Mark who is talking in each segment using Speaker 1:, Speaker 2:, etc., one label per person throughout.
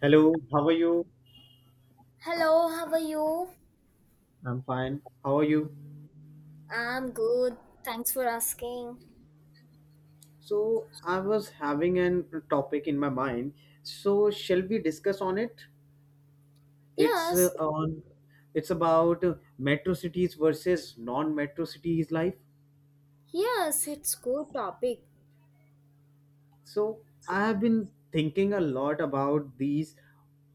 Speaker 1: Hello, how are you?
Speaker 2: Hello, how are you?
Speaker 1: I'm fine. How are you?
Speaker 2: I'm good. Thanks for asking.
Speaker 1: So, I was having an topic in my mind. So, shall we discuss on it? It's
Speaker 2: Yes,
Speaker 1: on it's about metro cities versus non-metro cities life.
Speaker 2: yes, it's good topic.
Speaker 1: So, I have been thinking a lot about these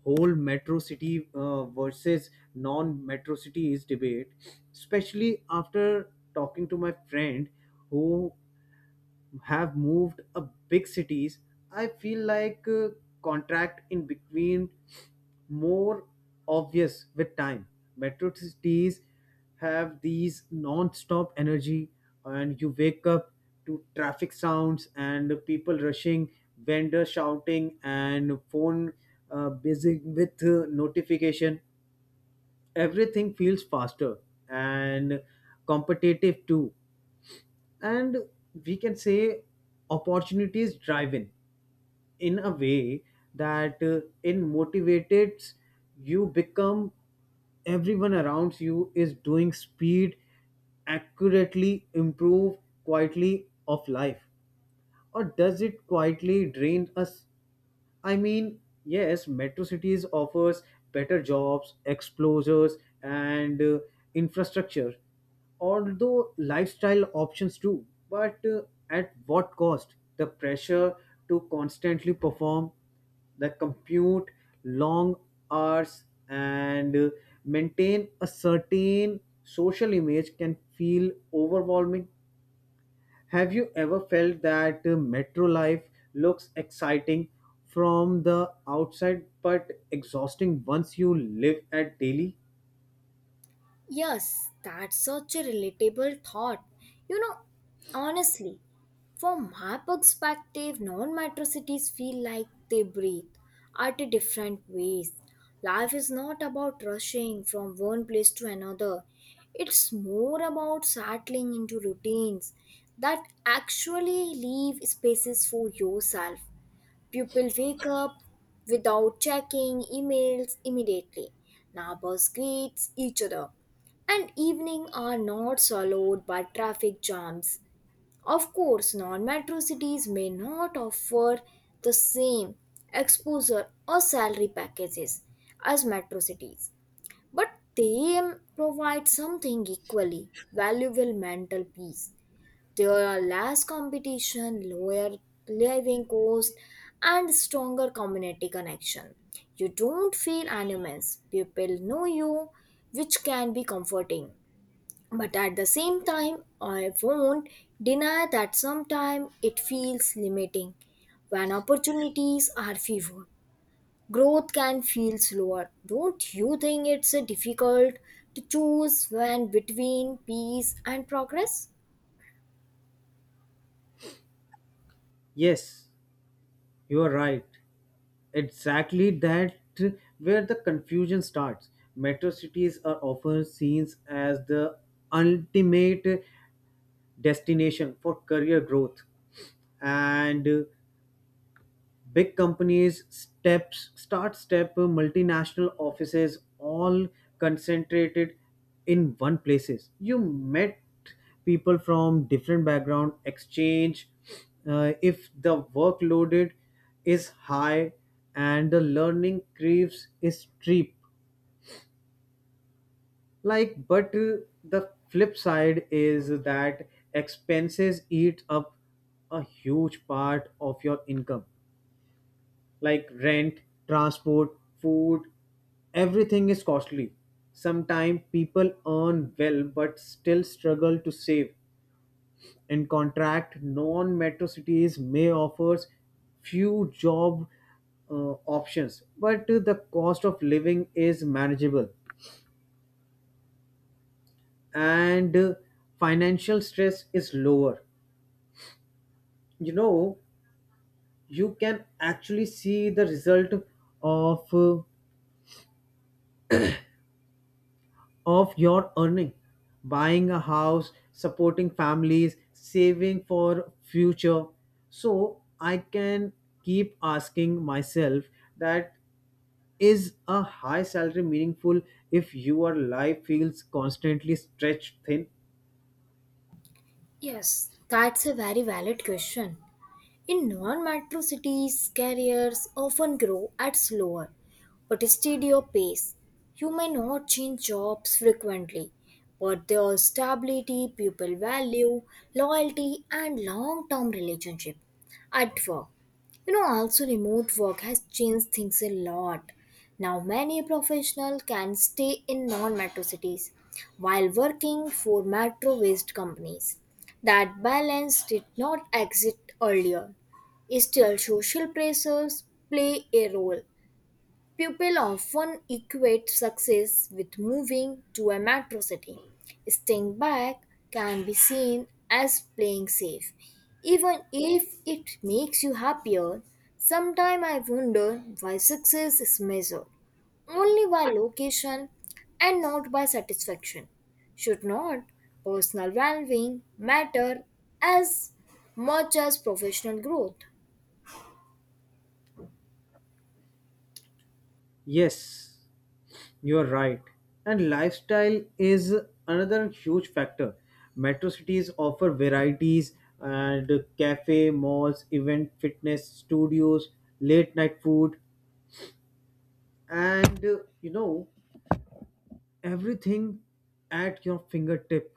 Speaker 1: whole metro city versus non-metro cities debate, especially after talking to my friend who have moved a big cities. I feel like contract in between more obvious with time. Metro cities have these non-stop energy and you wake up to traffic sounds and people rushing, vendors shouting and phone busy with notification. Everything feels faster and competitive too, and we can say opportunities driven in a way that in motivates you become. Everyone around you is doing speed accurately improve quietly of life, or does it quietly drain us? I mean, yes, metro cities offers better jobs, exposures, and infrastructure, although lifestyle options too. But at what cost? The pressure to constantly perform, the compute, long hours, and maintain a certain social image can feel overwhelming. Have you ever felt that metro life looks exciting from the outside but exhausting once you live at daily?
Speaker 2: Yes, that's such a relatable thought. You know, honestly, from my perspective, non-metro cities feel like they breathe at a different ways. Life is not about rushing from one place to another. It's more about settling into routines that actually leave spaces for yourself. People wake up without checking emails immediately. Neighbors greet each other. And evening are not swallowed by traffic jams. Of course, non-metro cities may not offer the same exposure or salary packages as metro cities, but they provide something equally valuable mental peace. There are less competition, lower living cost, and stronger community connection. You don't feel anonymous. People know you, which can be comforting. But at the same time, I won't deny that sometimes it feels limiting. When opportunities are fewer, growth can feel slower. Don't you think it's difficult to choose when between peace and progress?
Speaker 1: Yes, you are right. Exactly that uh, where the confusion starts. Metro cities are often seen as the ultimate destination for career growth and big companies steps start step multinational offices all concentrated in one places. You met people from different background exchange if the workloaded is high and the learning curves is steep, like. But the flip side is that expenses eat up a huge part of your income, like rent, transport, food, everything is costly. Sometimes people earn well but still struggle to save. In contract, non metro cities may offer few job options, but the cost of living is manageable and financial stress is lower. You know, you can actually see the result of your earning, buying a house, supporting families, saving for future. So I can keep asking myself that is a high salary meaningful if your life feels constantly stretched thin.
Speaker 2: Yes, that's a very valid question. In non metro cities, careers often grow at slower but steadier pace. You may not change jobs frequently, but there is stability, people value, loyalty, and long term relationship at work. You know, also remote work has changed things a lot. Now, many professionals can stay in non metro cities while working for metro based companies. That balance did not exist earlier. Still, social pressures play a role. People often equate success with moving to a metro city. Staying back can be seen as playing safe, even if it makes you happier. Sometimes I wonder why success is measured only by location and not by satisfaction. Should not personal well being matter as much as professional growth?
Speaker 1: Yes, you're right. And lifestyle is another huge factor. Metro cities offer varieties and cafe, malls, event, fitness, studios, late night food, and everything at your fingertip.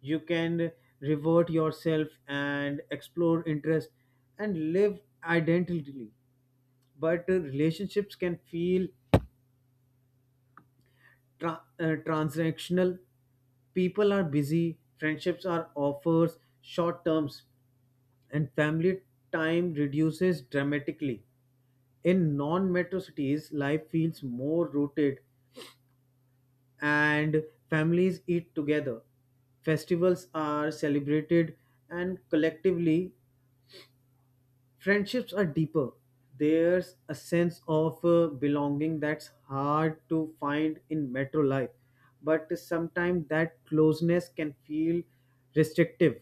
Speaker 1: You can revert yourself and explore interest and live identically. But relationships can feel transactional. People are busy, friendships are offers, short terms, and family time reduces dramatically. In non metro cities, life feels more rooted and families eat together. Festivals are celebrated and collectively, friendships are deeper. There's a sense of belonging that's hard to find in metro life, but sometimes that closeness can feel restrictive.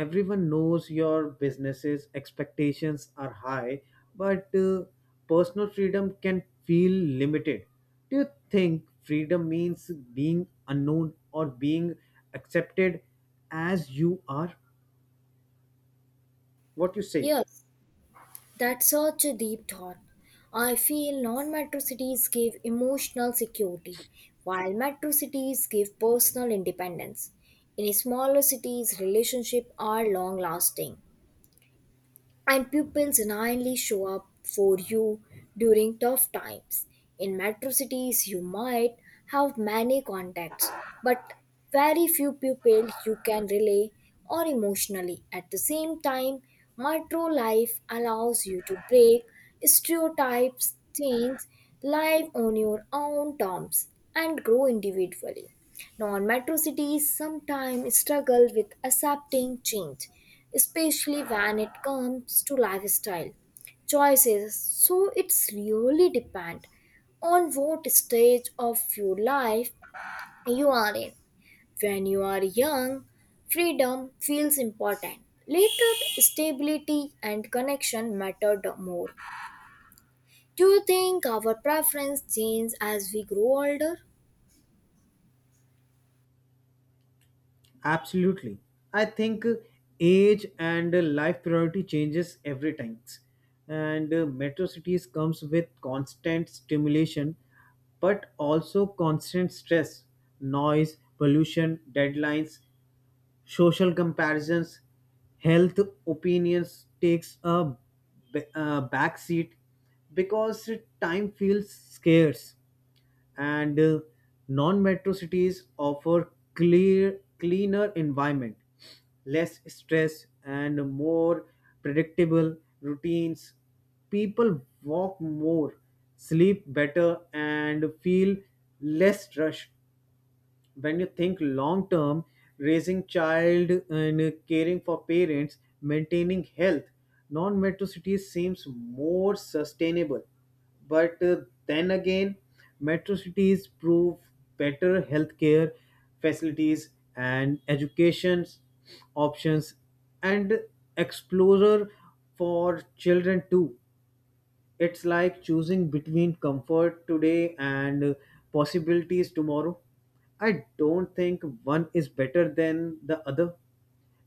Speaker 1: Everyone knows your businesses, expectations are high, but personal freedom can feel limited. Do you think freedom means being unknown or being accepted as you are? What you say?
Speaker 2: Yes. That's such a deep thought. I feel non metro cities give emotional security, while metro cities give personal independence. In smaller cities, relationships are long lasting and pupils genuinely show up for you during tough times. In metro cities, you might have many contacts, but very few people you can relay on emotionally. At the same time, metro life allows you to break stereotypes, change life on your own terms, and grow individually. Non metro cities sometimes struggle with accepting change, especially when it comes to lifestyle choices. So it's really depend on what stage of your life you are in. When you are young, freedom feels important. Later, stability and connection mattered more. Do you think our preference change as we grow older?
Speaker 1: Absolutely. I think age and life priority changes every time. And metro cities comes with constant stimulation but also constant stress, noise, pollution, deadlines, social comparisons, health opinions takes a backseat because time feels scarce, and non-metro cities offer clear cleaner environment, less stress and more predictable routines. People walk more, sleep better and feel less rushed. When you think long term, raising child and caring for parents, maintaining health, non-metrocity seems more sustainable. But then again, metro cities prove better healthcare facilities and education options and exposure for children too. It's like choosing between comfort today and possibilities tomorrow. I don't think one is better than the other,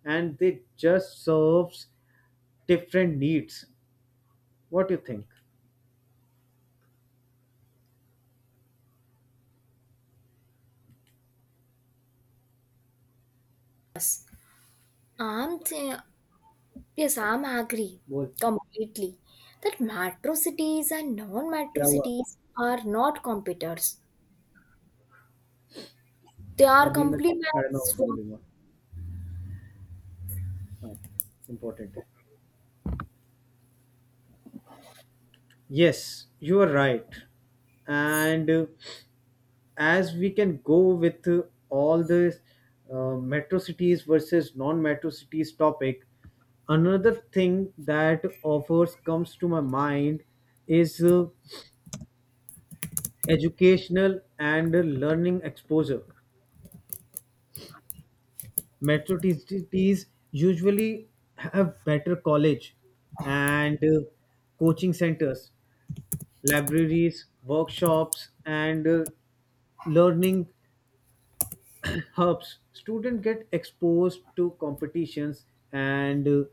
Speaker 1: and they just serves different needs. What do you think?
Speaker 2: I'm, th- Yes, I'm agree
Speaker 1: बोल क्या
Speaker 2: completely that metro cities and non-metro
Speaker 1: हुआ?
Speaker 2: cities are not competitors. They are
Speaker 1: अभी मैं साढ़े नौ
Speaker 2: complements
Speaker 1: बजे
Speaker 2: for
Speaker 1: बोलूंगा। हाँ, important है। Yes, you are right, and as we can go with all this metro cities versus non-metro cities topic, another thing that offers comes to my mind is educational and learning exposure. Metro cities usually have better college and coaching centers, libraries, workshops and learning hubs. Students get exposed to competitions and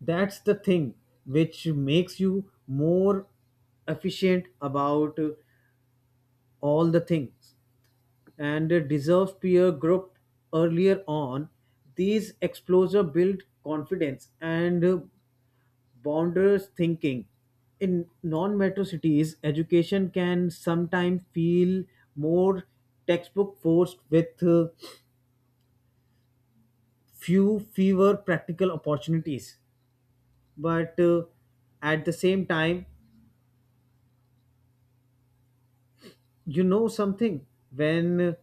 Speaker 1: that's the thing which makes you more efficient about all the things and a deserved peer group earlier on. These exposure build confidence and boundaries thinking. In non-metro cities, education can sometimes feel more textbook forced with fewer practical opportunities. But at the same time, you know something, when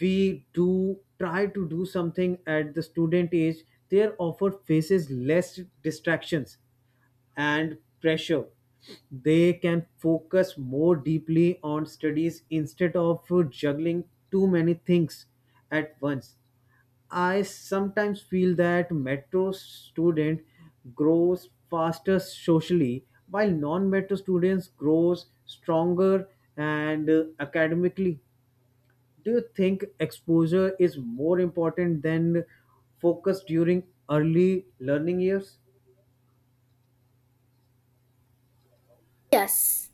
Speaker 1: we do try to do something at the student age, they are offered faces less distractions and pressure. They can focus more deeply on studies instead of juggling too many things at once. I sometimes feel that metro student grows faster socially, while non-metro students grows stronger and academically. Do you think exposure is more important than focus during early learning years?
Speaker 2: yes.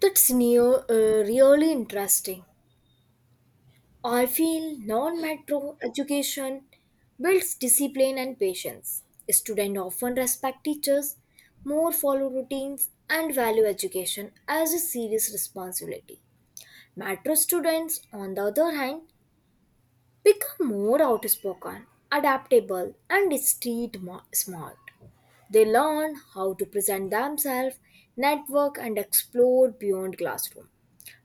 Speaker 2: That's new, really interesting. I feel non-metro education builds discipline and patience. Students often respect teachers, more follow routines, and value education as a serious responsibility. Metro students, on the other hand, become more outspoken, adaptable, and smart. They learn how to present themselves, network, and explore beyond classroom.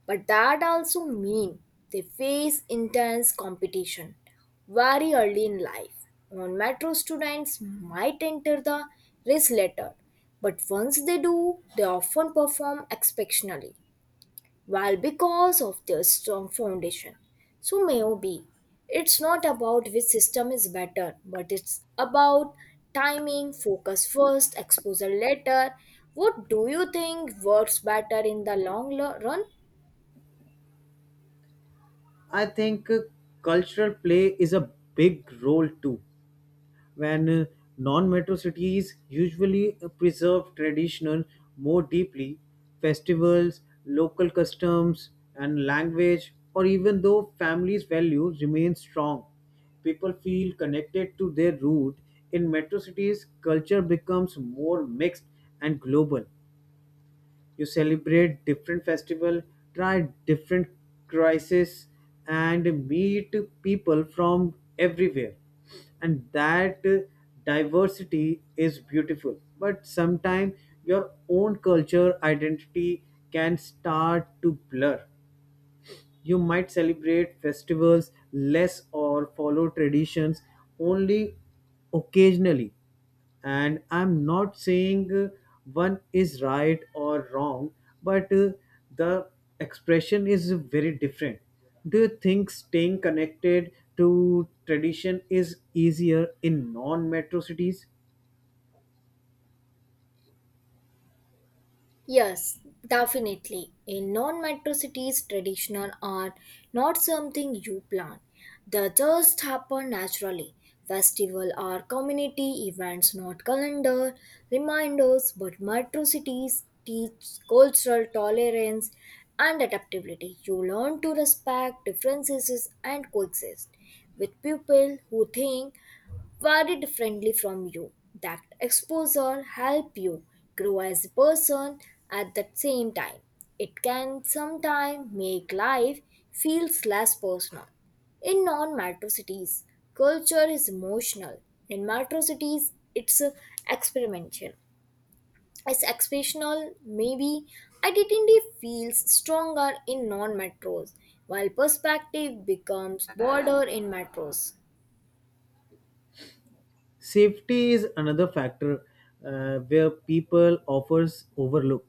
Speaker 2: But that also means they face intense competition very early in life. On metro students might enter the race later, but once they do, they often perform exceptionally. Well, because of their strong foundation. So maybe it's not about which system is better, but it's about timing, focus first, exposure later. What do you think works better in the run?
Speaker 1: I think cultural play is a big role too. When non-metro cities usually preserve tradition more deeply. Festivals, local customs and language, or even though families values remain strong, people feel connected to their root. In metro cities, culture becomes more mixed and global. You celebrate different festival, try different crises and meet people from everywhere, and that diversity is beautiful. But sometimes your own culture identity can start to blur. You might celebrate festivals less or follow traditions only occasionally. And I'm not saying one is right or wrong, but the expression is very different. Do you think staying connected to tradition is easier in non metro cities?
Speaker 2: Yes, definitely. In non metro cities, traditional are not something you plan, they just happen naturally. Festival are community events, not calendar reminders, but metro cities teach cultural tolerance and adaptability. You learn to respect differences and coexist with people who think very differently from you. That exposure help you grow as a person at the same time. It can sometimes make life feels less personal. In non-metro cities, culture is emotional. In metro cities, it's experimental. It's expressional. Maybe identity feels stronger in non-metros, while perspective becomes broader in metros.
Speaker 1: Safety is another factor where people offers overlook.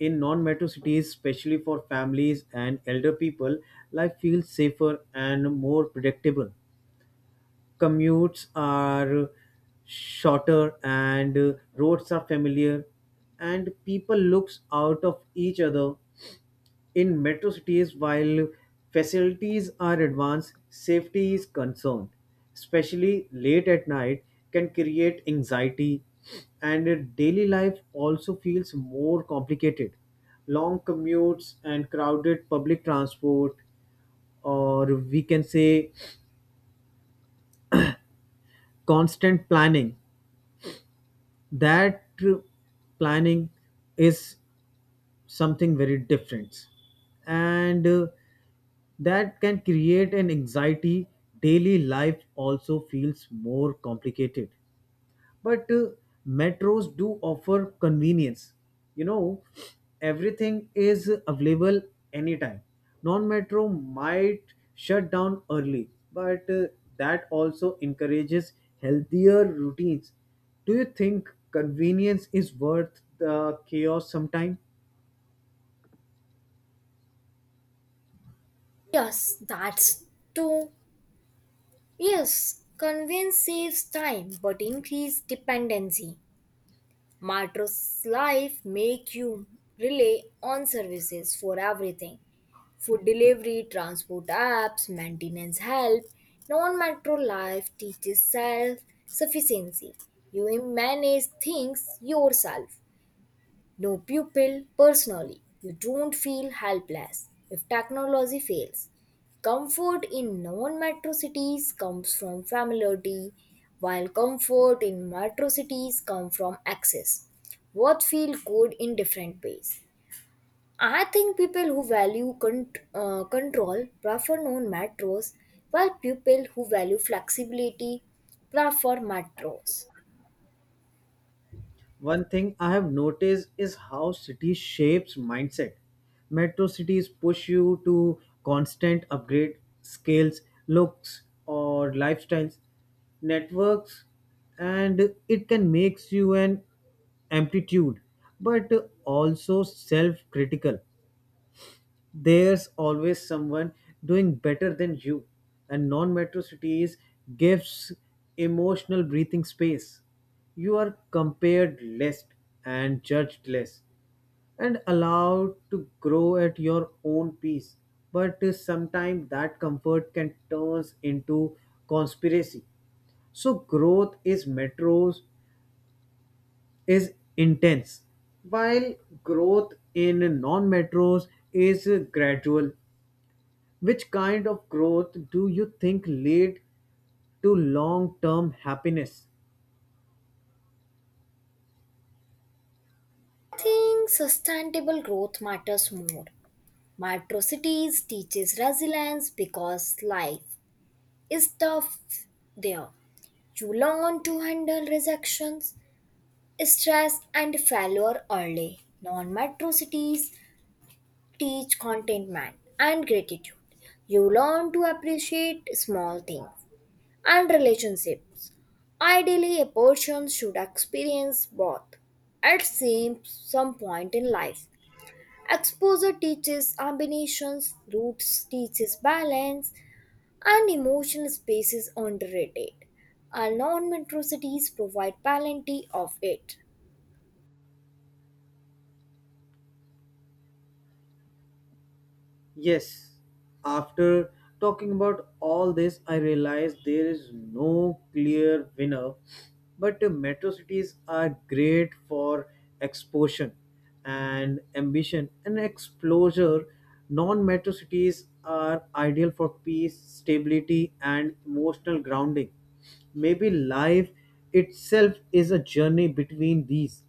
Speaker 1: In non-metro cities, especially for families and elder people, life feels safer and more predictable. Commutes are shorter and roads are familiar and people looks out of each other. In metro cities, while facilities are advanced, safety is concerned, especially late at night, can create anxiety, and daily life also feels more complicated. Long commutes and crowded public transport, or we can say constant planning. That planning is something very different, and that can create an anxiety. Daily life also feels more complicated, but metros do offer convenience, you know. Everything is available anytime. Non metro might shut down early, but that also encourages healthier routines. Do you think convenience is worth the chaos sometime?
Speaker 2: Yes, that's true. Yes, convenience saves time but increase dependency. Metro's life make you rely on services for everything. Food delivery, transport apps, maintenance help. Non-metro life teaches self-sufficiency. You manage things yourself. No pupil, personally, you don't feel helpless if technology fails. Comfort in non metro cities comes from familiarity, while comfort in metro cities comes from access. Both feel good in different ways. I think people who value control prefer non metros, while people who value flexibility prefer metros.
Speaker 1: One thing I have noticed is how city shapes mindset. Metro cities push you to constant upgrade skills, looks, or lifestyles, networks, and it can make you an amplitude, but also self-critical. There's always someone doing better than you, and non-metro cities gives emotional breathing space. You are compared less and judged less and allowed to grow at your own pace, but sometimes that comfort can turn into conspiracy. So growth is metros is intense, while growth in non-metros is gradual. Which kind of growth do you think lead to long term happiness?
Speaker 2: I think sustainable growth matters more. Metro teaches resilience because life is tough there. You learn to handle rejections, stress, and failure early. Non-metro teach contentment and gratitude. You learn to appreciate small things and relationships. Ideally, a person should experience both at same some point in life. Exposure teaches combinations, roots teaches balance, and emotional space is underrated. Our non-metro cities provide plenty of it.
Speaker 1: Yes, after talking about all this, I realized there is no clear winner, but metro cities are great for exposure and ambition and exposure. Non metro cities are ideal for peace, stability, and emotional grounding. Maybe life itself is a journey between these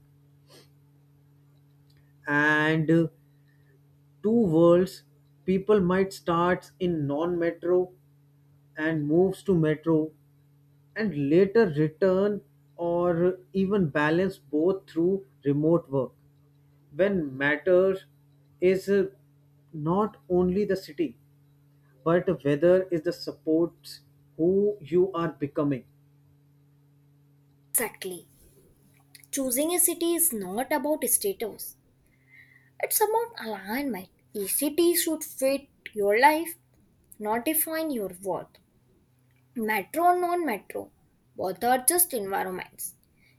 Speaker 1: and two worlds. People might start in non-metro and moves to metro and later return or even balance both through remote work. When matter is not only the city but whether is the supports who you are becoming.
Speaker 2: Exactly. Choosing a city is not about status. It's about alignment. A city should fit your life, not define your worth. Metro or non-metro, both are just environments.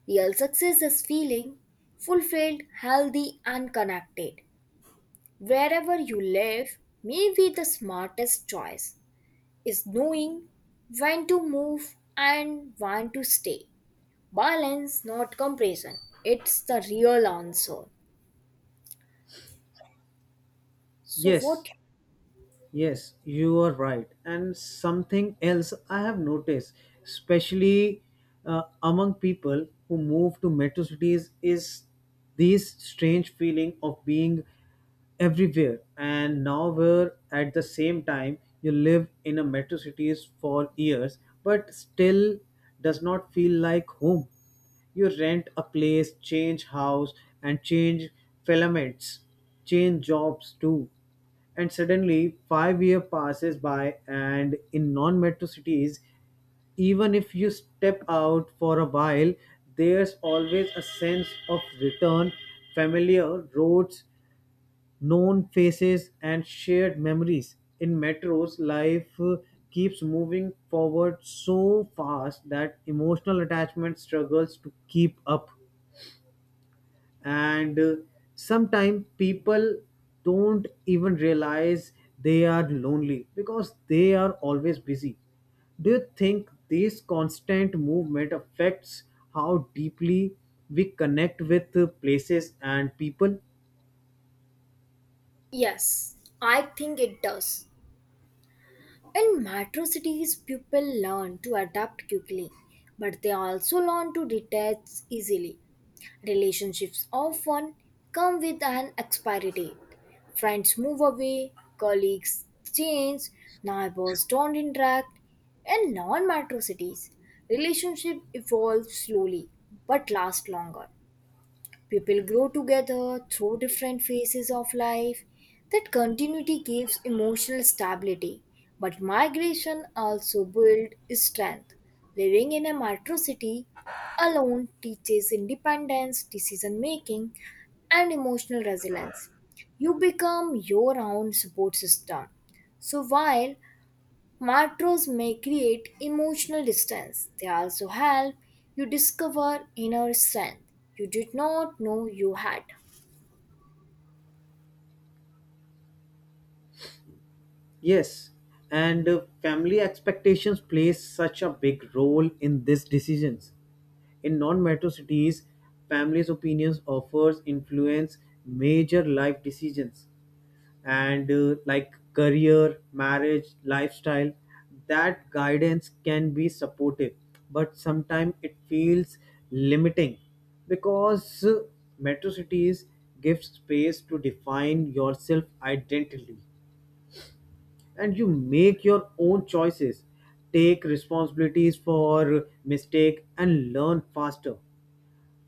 Speaker 2: Real success is feeling fulfilled, healthy, and connected. Wherever you live, maybe the smartest choice is knowing when to move and when to stay. Balance, not compression. It's the real answer. So,
Speaker 1: Yes,
Speaker 2: what?
Speaker 1: yes, you are right. And something else I have noticed, especially among people who move to metro cities, is this strange feeling of being everywhere and nowhere at the same time. You live in a metro cities for years, but still does not feel like home. You rent a place, change house, and change filaments, change jobs too, and suddenly, 5 year passes by, and in non-metro cities, even if you step out for a while, there's always a sense of return, familiar roads, known faces, and shared memories. In metros, life keeps moving forward so fast that emotional attachment struggles to keep up, and sometimes people don't even realize they are lonely because they are always busy. Do you think this constant movement affects how deeply we connect with places and people?
Speaker 2: Yes, I think it does. In metro cities, people learn to adapt quickly, but they also learn to detach easily. Relationships often come with an expiry date. Friends move away, colleagues change, neighbors don't interact. In non metro cities, relationships evolve slowly but last longer. People grow together through different phases of life. That continuity gives emotional stability, but migration also builds strength. Living in a metro city alone teaches independence, decision making, and emotional resilience. You become your own support system. So while Macros may create emotional distance. They also help you discover inner strength you did not know you had.
Speaker 1: Yes, and family expectations play such a big role in these decisions. In non-metro cities, families opinions offers influence major life decisions, and like career, marriage, lifestyle, that guidance can be supportive, but sometimes it feels limiting because metro cities give space to define yourself identity and you make your own choices, take responsibilities for mistake and learn faster.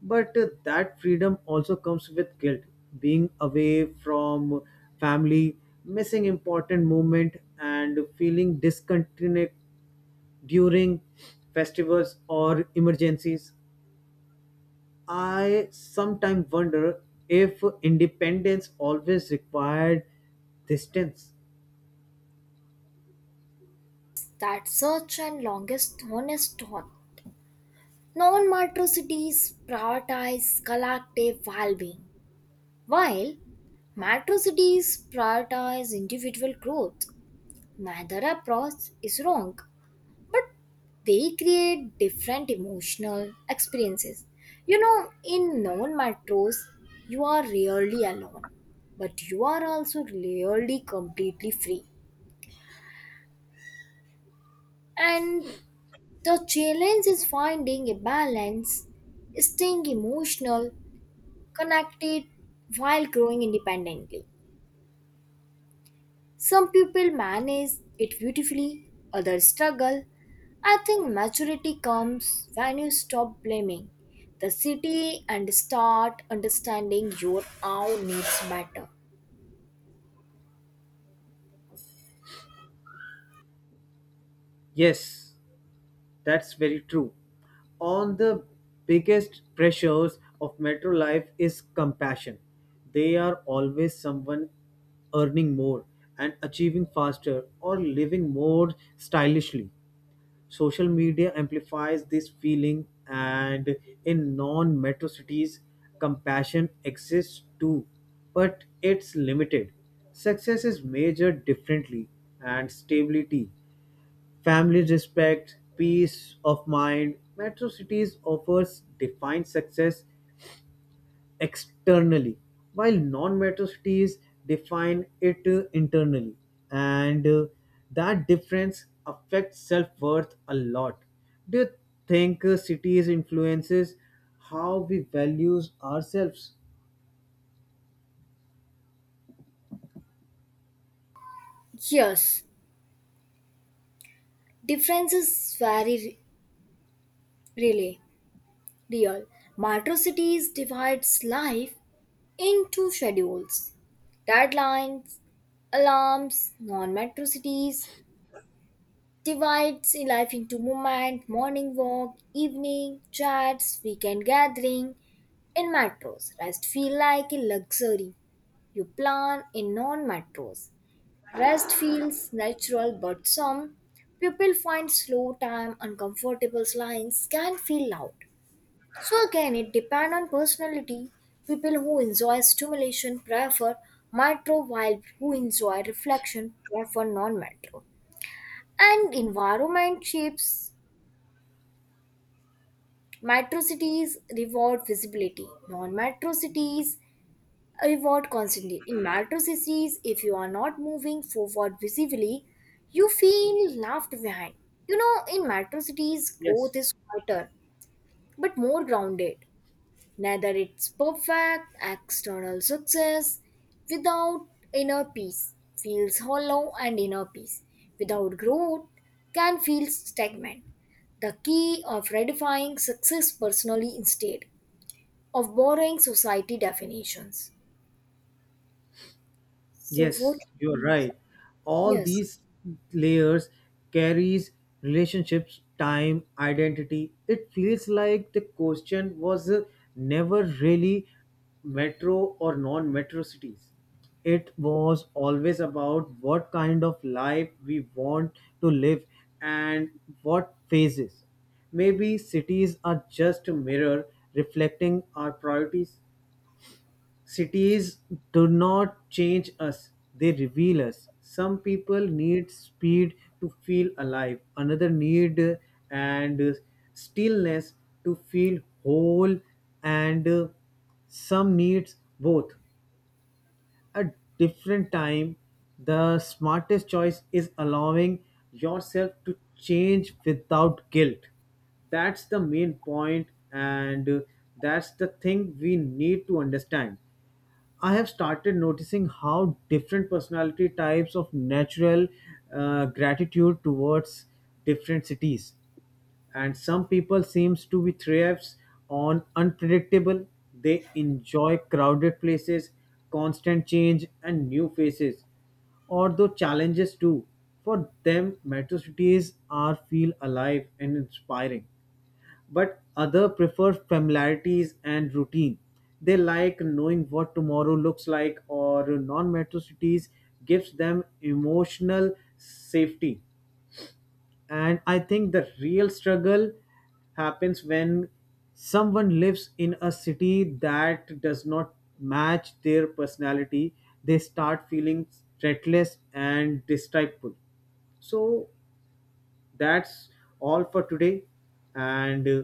Speaker 1: But that freedom also comes with guilt. Being away from family, missing important moment, and feeling discontented during festivals or emergencies. I sometimes wonder if independence always required distance.
Speaker 2: That search and longest honest thought. Non-macro cities prioritize collective well-being, while macro cities prioritize individual growth. Neither approach is wrong, but they create different emotional experiences. You know, in non metros, you are rarely alone, but you are also rarely completely free. And the challenge is finding a balance, staying emotional, connected while growing independently. Some people manage it beautifully, others struggle. I think maturity comes when you stop blaming the city and start understanding your own needs better.
Speaker 1: Yes, that's very true. On the biggest pressures of metro life is compassion. They are always someone earning more and achieving faster or living more stylishly. Social media amplifies this feeling, and in non metro cities, compassion exists too, but it's limited. Success is measured differently, and stability, family respect, peace of mind. Metro cities offers define success externally, while non-metro cities define it internally, and that difference affects self-worth a lot. Do you think cities influences how we values ourselves?
Speaker 2: Yes, difference is very really real. Metro cities divides life into schedules, deadlines, alarms, non-metro cities divides life into movement, morning walk, evening chats, weekend gathering. In metros, rest feels like a luxury you plan in non-metros. Rest feels natural, but some people find slow time uncomfortable lines can feel loud. So again, it depends on personality. People who enjoy stimulation prefer metro, while who enjoy reflection prefer non-metro. And environment shapes Metro cities reward visibility. Non-metro cities reward constantly. In metro cities, if you are not moving forward visibly, you feel left behind. You know, in metro cities,
Speaker 1: Yes.
Speaker 2: growth is quieter but more grounded. Neither it's perfect external success without inner peace feels hollow and inner peace without growth can feel stagnant. The key of redefining success personally instead of borrowing society definitions. So what?
Speaker 1: Yes, you're right. All
Speaker 2: Yes,
Speaker 1: these layers carries relationships, time, identity. It feels like the question was never really metro or non-metro cities. It was always about what kind of life we want to live and what phases. Maybe cities are just a mirror reflecting our priorities. Cities do not change us, they reveal us. Some people need speed to feel alive, another need and stillness to feel whole, and some needs both. At different time, the smartest choice is allowing yourself to change without guilt. That's the main point, and that's the thing we need to understand. I have started noticing how different personality types of natural gratitude towards different cities. And some people seems to be thrives on unpredictable. They enjoy crowded places, constant change, and new faces. Although challenges too. For them, metro cities are feel alive and inspiring, but other prefer familiarities and routine. They like knowing what tomorrow looks like, or non-metro cities gives them emotional safety. And I think the real struggle happens when someone lives in a city that does not match their personality. They start feeling restless and distrustful. So that's all for today, and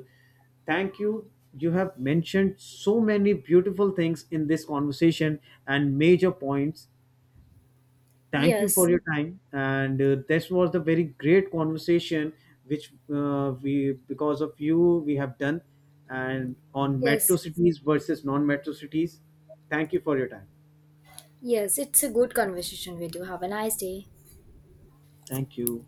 Speaker 1: thank you. You have mentioned so many beautiful things in this conversation and major points. Thank you for
Speaker 2: yes,
Speaker 1: your time, and this was the very great conversation which we, because of you, we have done, and on metro
Speaker 2: yes,
Speaker 1: cities versus non metro cities. Thank you for your time.
Speaker 2: yes. It's a good conversation with you. Have a nice day.
Speaker 1: Thank you.